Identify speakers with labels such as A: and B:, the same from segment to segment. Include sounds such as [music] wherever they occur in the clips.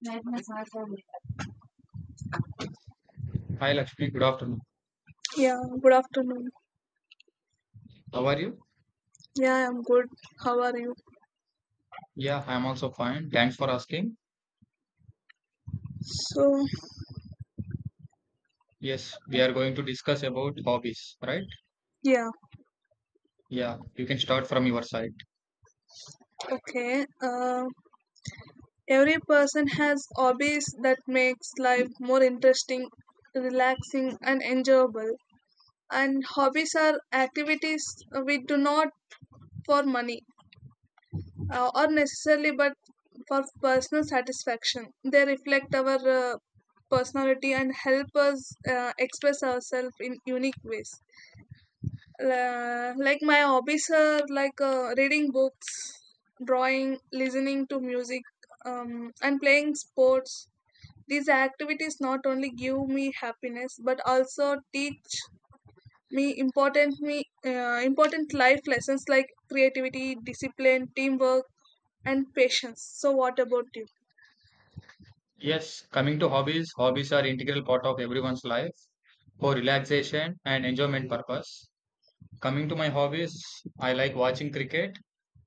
A: Yeah,
B: Hi Lakshmi, good afternoon.
A: good afternoon.
B: How are you?
A: Yeah, I'm good. How are you?
B: Yeah, I'm also fine. Thanks for asking.
A: So,
B: Yes, we are going to discuss about hobbies, right?
A: yeah,
B: Yeah, you can start from your side.
A: okay. Uh, every person has hobbies that makes life more interesting, relaxing, and enjoyable. And hobbies are activities we do not for money or necessarily, but for personal satisfaction. They reflect our personality and help us express ourselves in unique ways. La like my hobbies are like reading books, drawing, listening to music, and playing sports. These activities not only give me happiness but also teach me important life lessons like creativity, discipline, teamwork, and patience. So, what about you?
B: Yes, coming to hobbies, hobbies are integral part of everyone's life for relaxation and enjoyment purpose. Coming to my hobbies, I like watching cricket,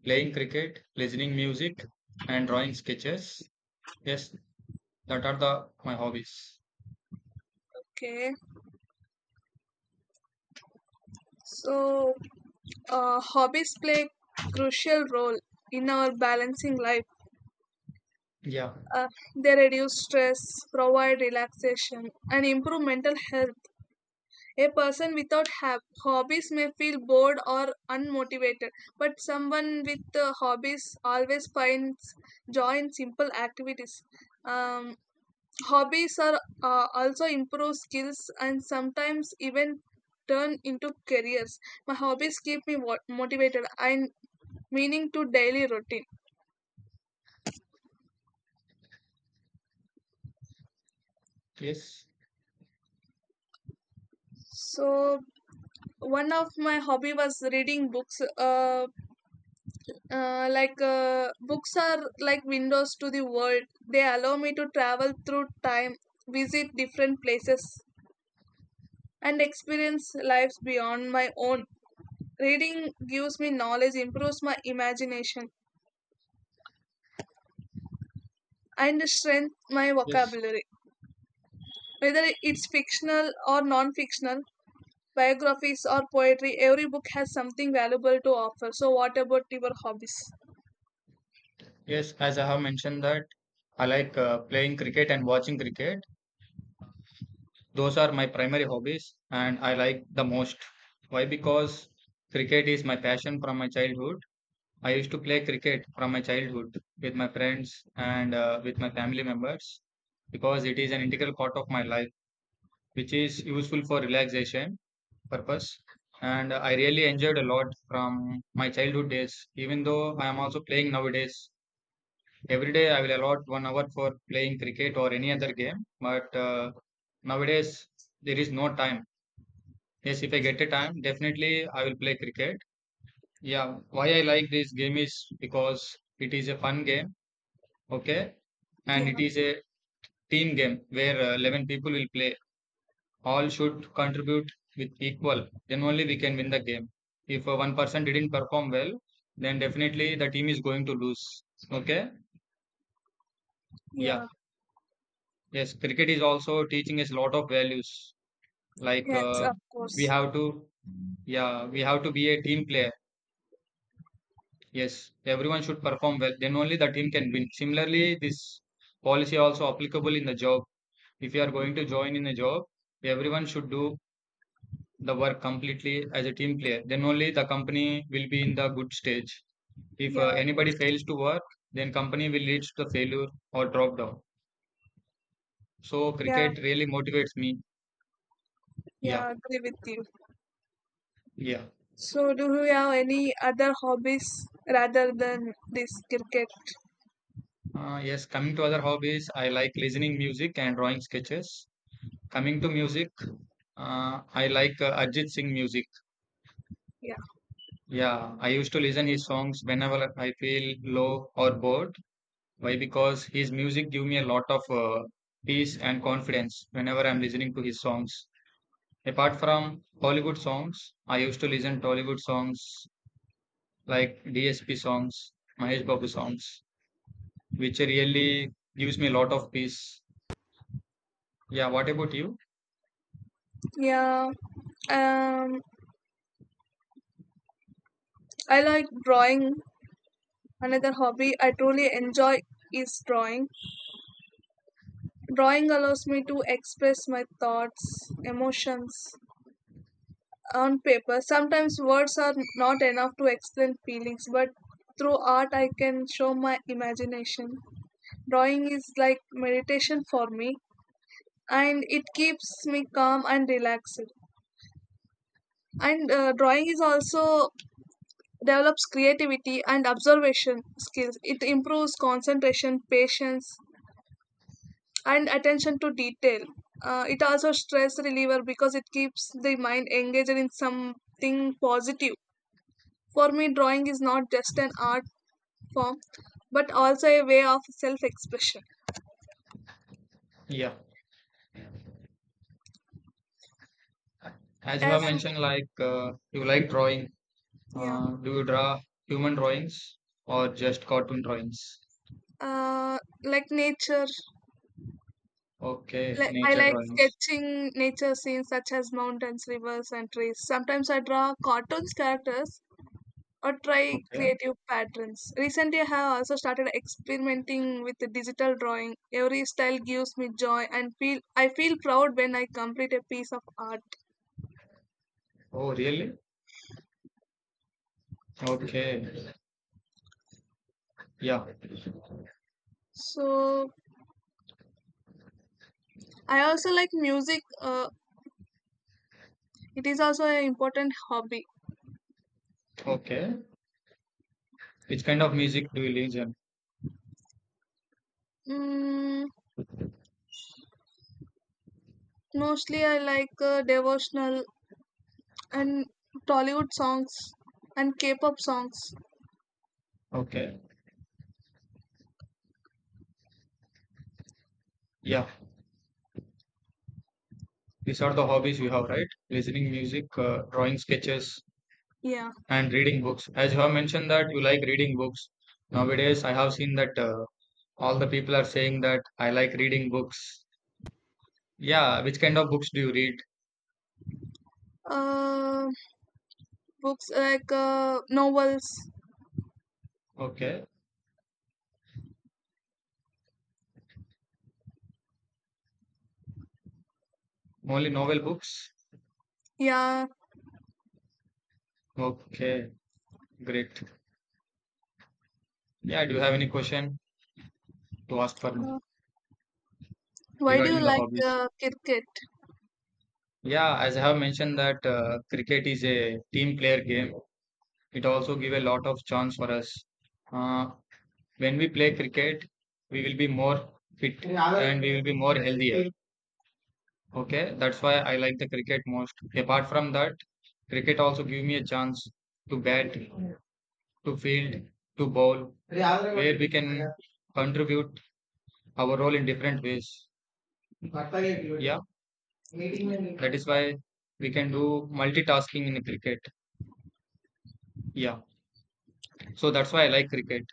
B: playing cricket, listening music, and drawing sketches. Yes, that are the my hobbies.
A: Okay, so hobbies play a crucial role in our balancing life.
B: Yeah.
A: Uh, they reduce stress, provide relaxation, and improve mental health. A person without hobbies may feel bored or unmotivated, but someone with hobbies always finds joy in simple activities. Um, Hobbies are also improve skills and sometimes even turn into careers. My hobbies keep me motivated and meaning to daily routine.
B: Yes.
A: So one of my hobby was reading books. Books are like windows to the world. They allow me to travel through time, visit different places, and experience lives beyond my own. Reading gives me knowledge, improves my imagination, and strengthens my
B: Yes.
A: vocabulary. Whether it's fictional or non fictional, biographies or poetry, every book has something valuable to offer. So, what about your hobbies?
B: Yes, as I have mentioned that I like playing cricket and watching cricket. Those are my primary hobbies and I like the most. Why? Because cricket is my passion from my childhood. I used to play cricket from my childhood with my friends and with my family members because it is an integral part of my life, which is useful for relaxation purpose. And I really enjoyed a lot from my childhood days, even though I am also playing nowadays. Every day I will allot 1 hour for playing cricket or any other game, but nowadays there is no time. Yes, if I get a time, definitely I will play cricket. Yeah, why I like this game is because it is a fun game, okay, and it
A: Yeah,
B: is a team game where 11 people will play. All should contribute with equal, then only we can win the game. If one person didn't perform well, then definitely the team is going to lose, okay? Yeah.
A: yeah,
B: Yes, cricket is also teaching us a lot of values, like
A: yes, of
B: we
A: course.
B: have to, yeah, we have to be a team player. Yes, everyone should perform well, then only the team can win. Similarly, this policy also applicable in the job. If you are going to join in a job, everyone should do the work completely as a team player, then only the company will be in the good stage. If
A: Yeah,
B: anybody fails to work, then company will lead to the failure or drop down. So
A: yeah,
B: cricket really motivates me. Yeah.
A: yeah, agree with you.
B: Yeah.
A: So, do you have any other hobbies rather than this cricket?
B: Yes, coming to other hobbies, I like listening music and drawing sketches. Coming to music, I like Arjit Singh music.
A: Yeah,
B: Yeah, I used to listen his songs whenever I feel low or bored. Why? Because his music give me a lot of peace and confidence whenever I'm listening to his songs. Apart from Hollywood songs, I used to listen to Hollywood songs like DSP songs, Mahesh Babu songs, which really gives me a lot of peace. Yeah, what about you?
A: yeah. Um, I like drawing. Another hobby I truly enjoy is drawing. Drawing allows me to express my thoughts, emotions on paper. Sometimes words are not enough to explain feelings, but through art I can show my imagination. Drawing is like meditation for me, and it keeps me calm and relaxed. And drawing is also develops creativity and observation skills. It improves concentration, patience, and attention to detail. It also stress reliever because it keeps the mind engaged in something positive. For me drawing is not just an
B: Yes.
A: art form but also a way of self expression.
B: Yeah, as you
A: As
B: have mentioned, like you like drawing.
A: yeah
B: Do you draw human drawings or just cartoon drawings?
A: uh, like nature.
B: Okay,
A: Like, I
B: nature
A: like
B: drawings.
A: sketching nature scenes such as mountains, rivers, and trees. Sometimes I draw cartoons characters or try
B: Okay.
A: creative patterns. Recently, I have also started experimenting with the digital drawing. Every style gives me joy and feel I feel proud when I complete a piece of art.
B: Oh, really? Okay. Yeah.
A: So I also like music. It is also an important hobby.
B: Okay. Which kind of music do you listen?
A: Mm, Mostly, I like devotional and Tollywood songs and K-pop songs.
B: Okay. Yeah. These are the hobbies you have, right? Listening music, drawing sketches,
A: Yeah.
B: and reading books. As you have mentioned that you like reading books. Nowadays, I have seen that all the people are saying that I like reading books. Yeah. Which kind of books do you read?
A: Uh, Books like novels.
B: Okay. Only novel books.
A: Yeah.
B: Okay. Great. Yeah, do you have any question to ask for me
A: Uh, why do you
B: regarding the
A: like
B: hobbies?
A: cricket?
B: Yeah, as I have mentioned that cricket is a team player game. It also give a lot of chance for us. Uh, when we play cricket, we will be more fit and we will be more healthier. Okay, that's why I like the cricket most. Apart from that, cricket also give me a chance to bat, to field, to bowl, where we can contribute our role in different ways. Yeah. That is why we can do multitasking in cricket. Yeah. So that's why I like cricket.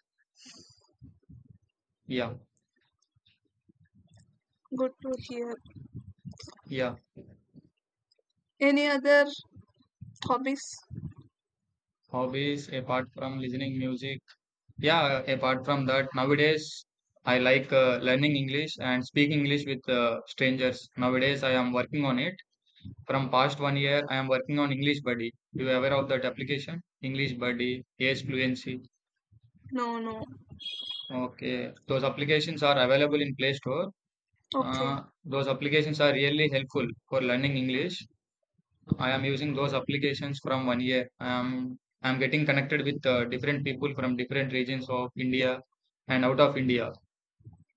B: Yeah.
A: Good to hear.
B: Yeah.
A: Any other hobbies?
B: Hobbies apart from listening music. Yeah. Apart from that, nowadays I like learning English and speak English with strangers. Nowadays I am working on it. From past 1 year, I am working on English Buddy. You aware of that application? English Buddy, Yes Fluency.
A: No, no.
B: Okay. Those applications are available in Play Store.
A: Okay.
B: Those applications are really helpful for learning English. I am using those applications from 1 year. I am getting connected with different people from different regions of India and out of India.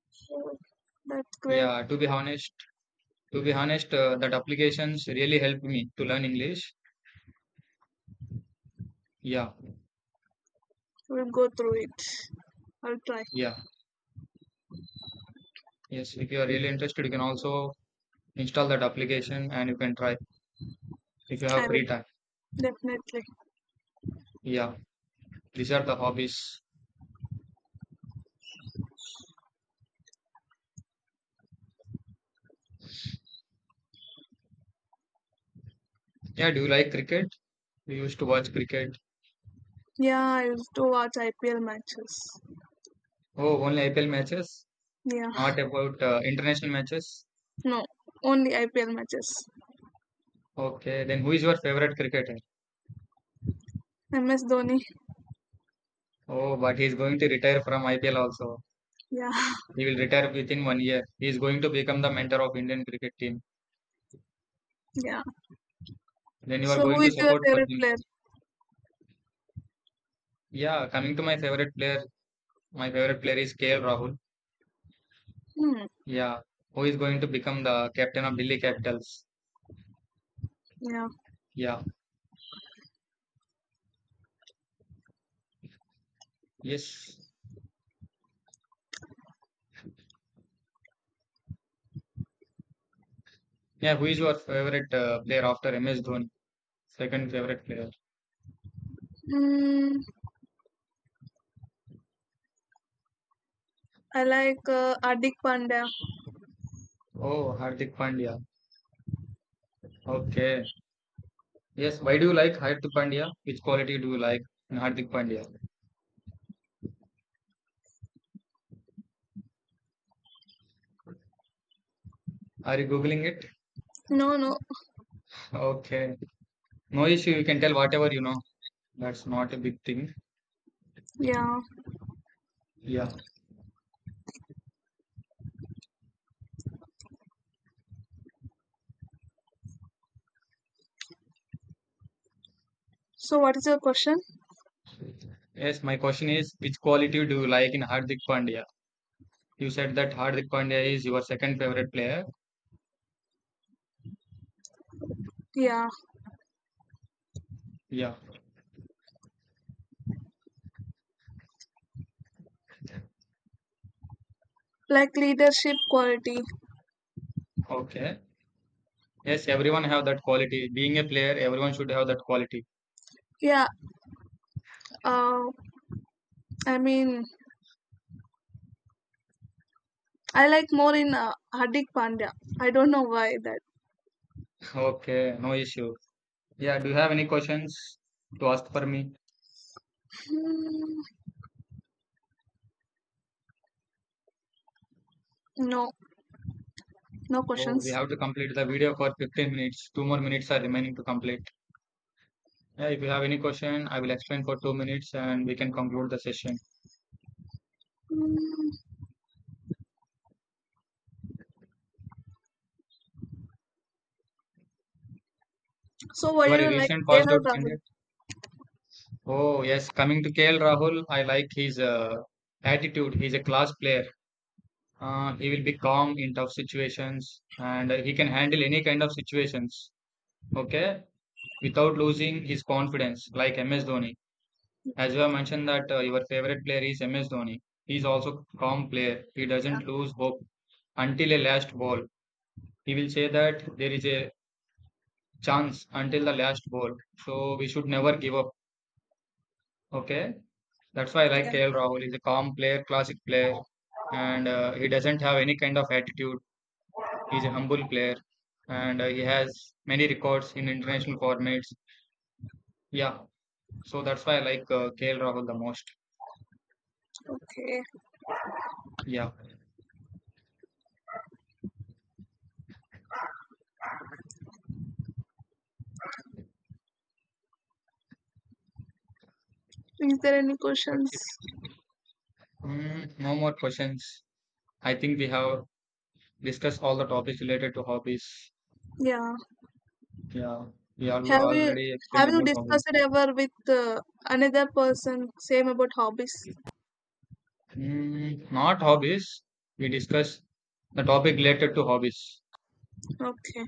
A: So, that's great.
B: Yeah, to be honest, that applications really helped me to learn English. Yeah,
A: We'll go through it. I'll try.
B: yeah, yes. If you are really interested, you can also install that application and you can try if you have
A: I will.
B: free time.
A: Definitely.
B: Yeah, these are the hobbies. Yeah, do you like cricket? You used to watch cricket.
A: Yeah, I used to watch IPL matches.
B: Oh, only IPL matches,
A: Yeah.
B: not about international matches.
A: No, only IPL matches.
B: Okay, then who is your favorite cricketer?
A: MS Dhoni.
B: Oh, but he's going to retire from IPL also.
A: Yeah. [laughs]
B: He will retire within 1 year. He is going to become the mentor of Indian cricket team.
A: Yeah.
B: Then you are
A: So
B: going
A: who
B: to
A: is your
B: support for
A: favorite
B: him.
A: player?
B: Yeah, coming to my favorite player is KL Rahul.
A: Hmm.
B: Yeah, who is going to become the captain of Delhi Capitals.
A: Yeah.
B: Yeah, yes. Yeah, who is your favorite player after MS Dhoni? Second favorite player.
A: Mm, I like Hardik Pandya.
B: Oh, Hardik Pandya. Okay. Yes, why do you like Hardik Pandya? Which quality do you like in Hardik Pandya? Are you googling it?
A: No, no.
B: [laughs] Okay. No issue, you can tell whatever you know. That's not a big thing.
A: Yeah.
B: Yeah.
A: So, what is your question?
B: Yes, my question is which quality do you like in Hardik Pandya? You said that Hardik Pandya is your second favorite player.
A: Yeah.
B: Yeah.
A: Like leadership quality.
B: Okay. Yes, everyone have that quality. Being a player, everyone should have that quality.
A: Yeah. Uh, I mean, I like more in Hardik Pandya. I don't know why that.
B: [laughs] Okay, no issue. Yeah, do you have any questions to ask for me?
A: Hmm, no, no
B: Oh, we
A: questions.
B: have to complete the video for 15 minutes. Two more minutes are remaining to complete. Yeah, if you have any question, I will explain for 2 minutes and we can conclude the session.
A: So, why
B: You
A: do
B: are a
A: you like
B: recent passed
A: KL.
B: out
A: Rahul?
B: candidate. Oh, yes. Coming to KL Rahul, I like his attitude. He's a class player. He will be calm in tough situations and he can handle any kind of situations, okay, without losing his confidence, like MS Dhoni. As you have mentioned that your favorite player is MS Dhoni. He's also calm player. He doesn't lose hope until a last ball. He will say that there is a chance until the last ball. So we should never give up, okay? That's why I like
A: Yeah.
B: KL Rahul. He's a calm player, classic player, and he doesn't have any kind of attitude. He's a humble player, and he has many records in international formats. Yeah, so that's why I like KL Rahul the most.
A: Okay.
B: Yeah,
A: Is there any
B: that's
A: questions?
B: it. Mm, no more questions. I think we have discussed all the topics related to hobbies.
A: Yeah.
B: Yeah, we
A: Have you
B: already explained
A: have you
B: about hobbies.
A: discussed it ever with another person? Same about hobbies.
B: Mm, not hobbies. We discussed the topic related to hobbies.
A: Okay.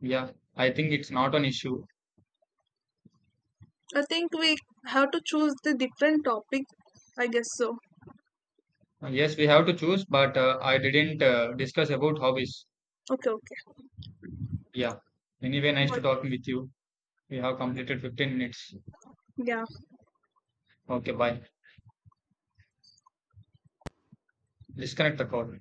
B: Yeah, I think it's not an issue.
A: I think we have to choose the different topic. I guess so.
B: Yes, we have to choose, but I didn't discuss about hobbies.
A: Okay. Okay.
B: Yeah. Anyway, nice to
A: ночь
B: talking with you. We have completed 15 minutes.
A: в туфлях
B: Okay, bye. Disconnect the call.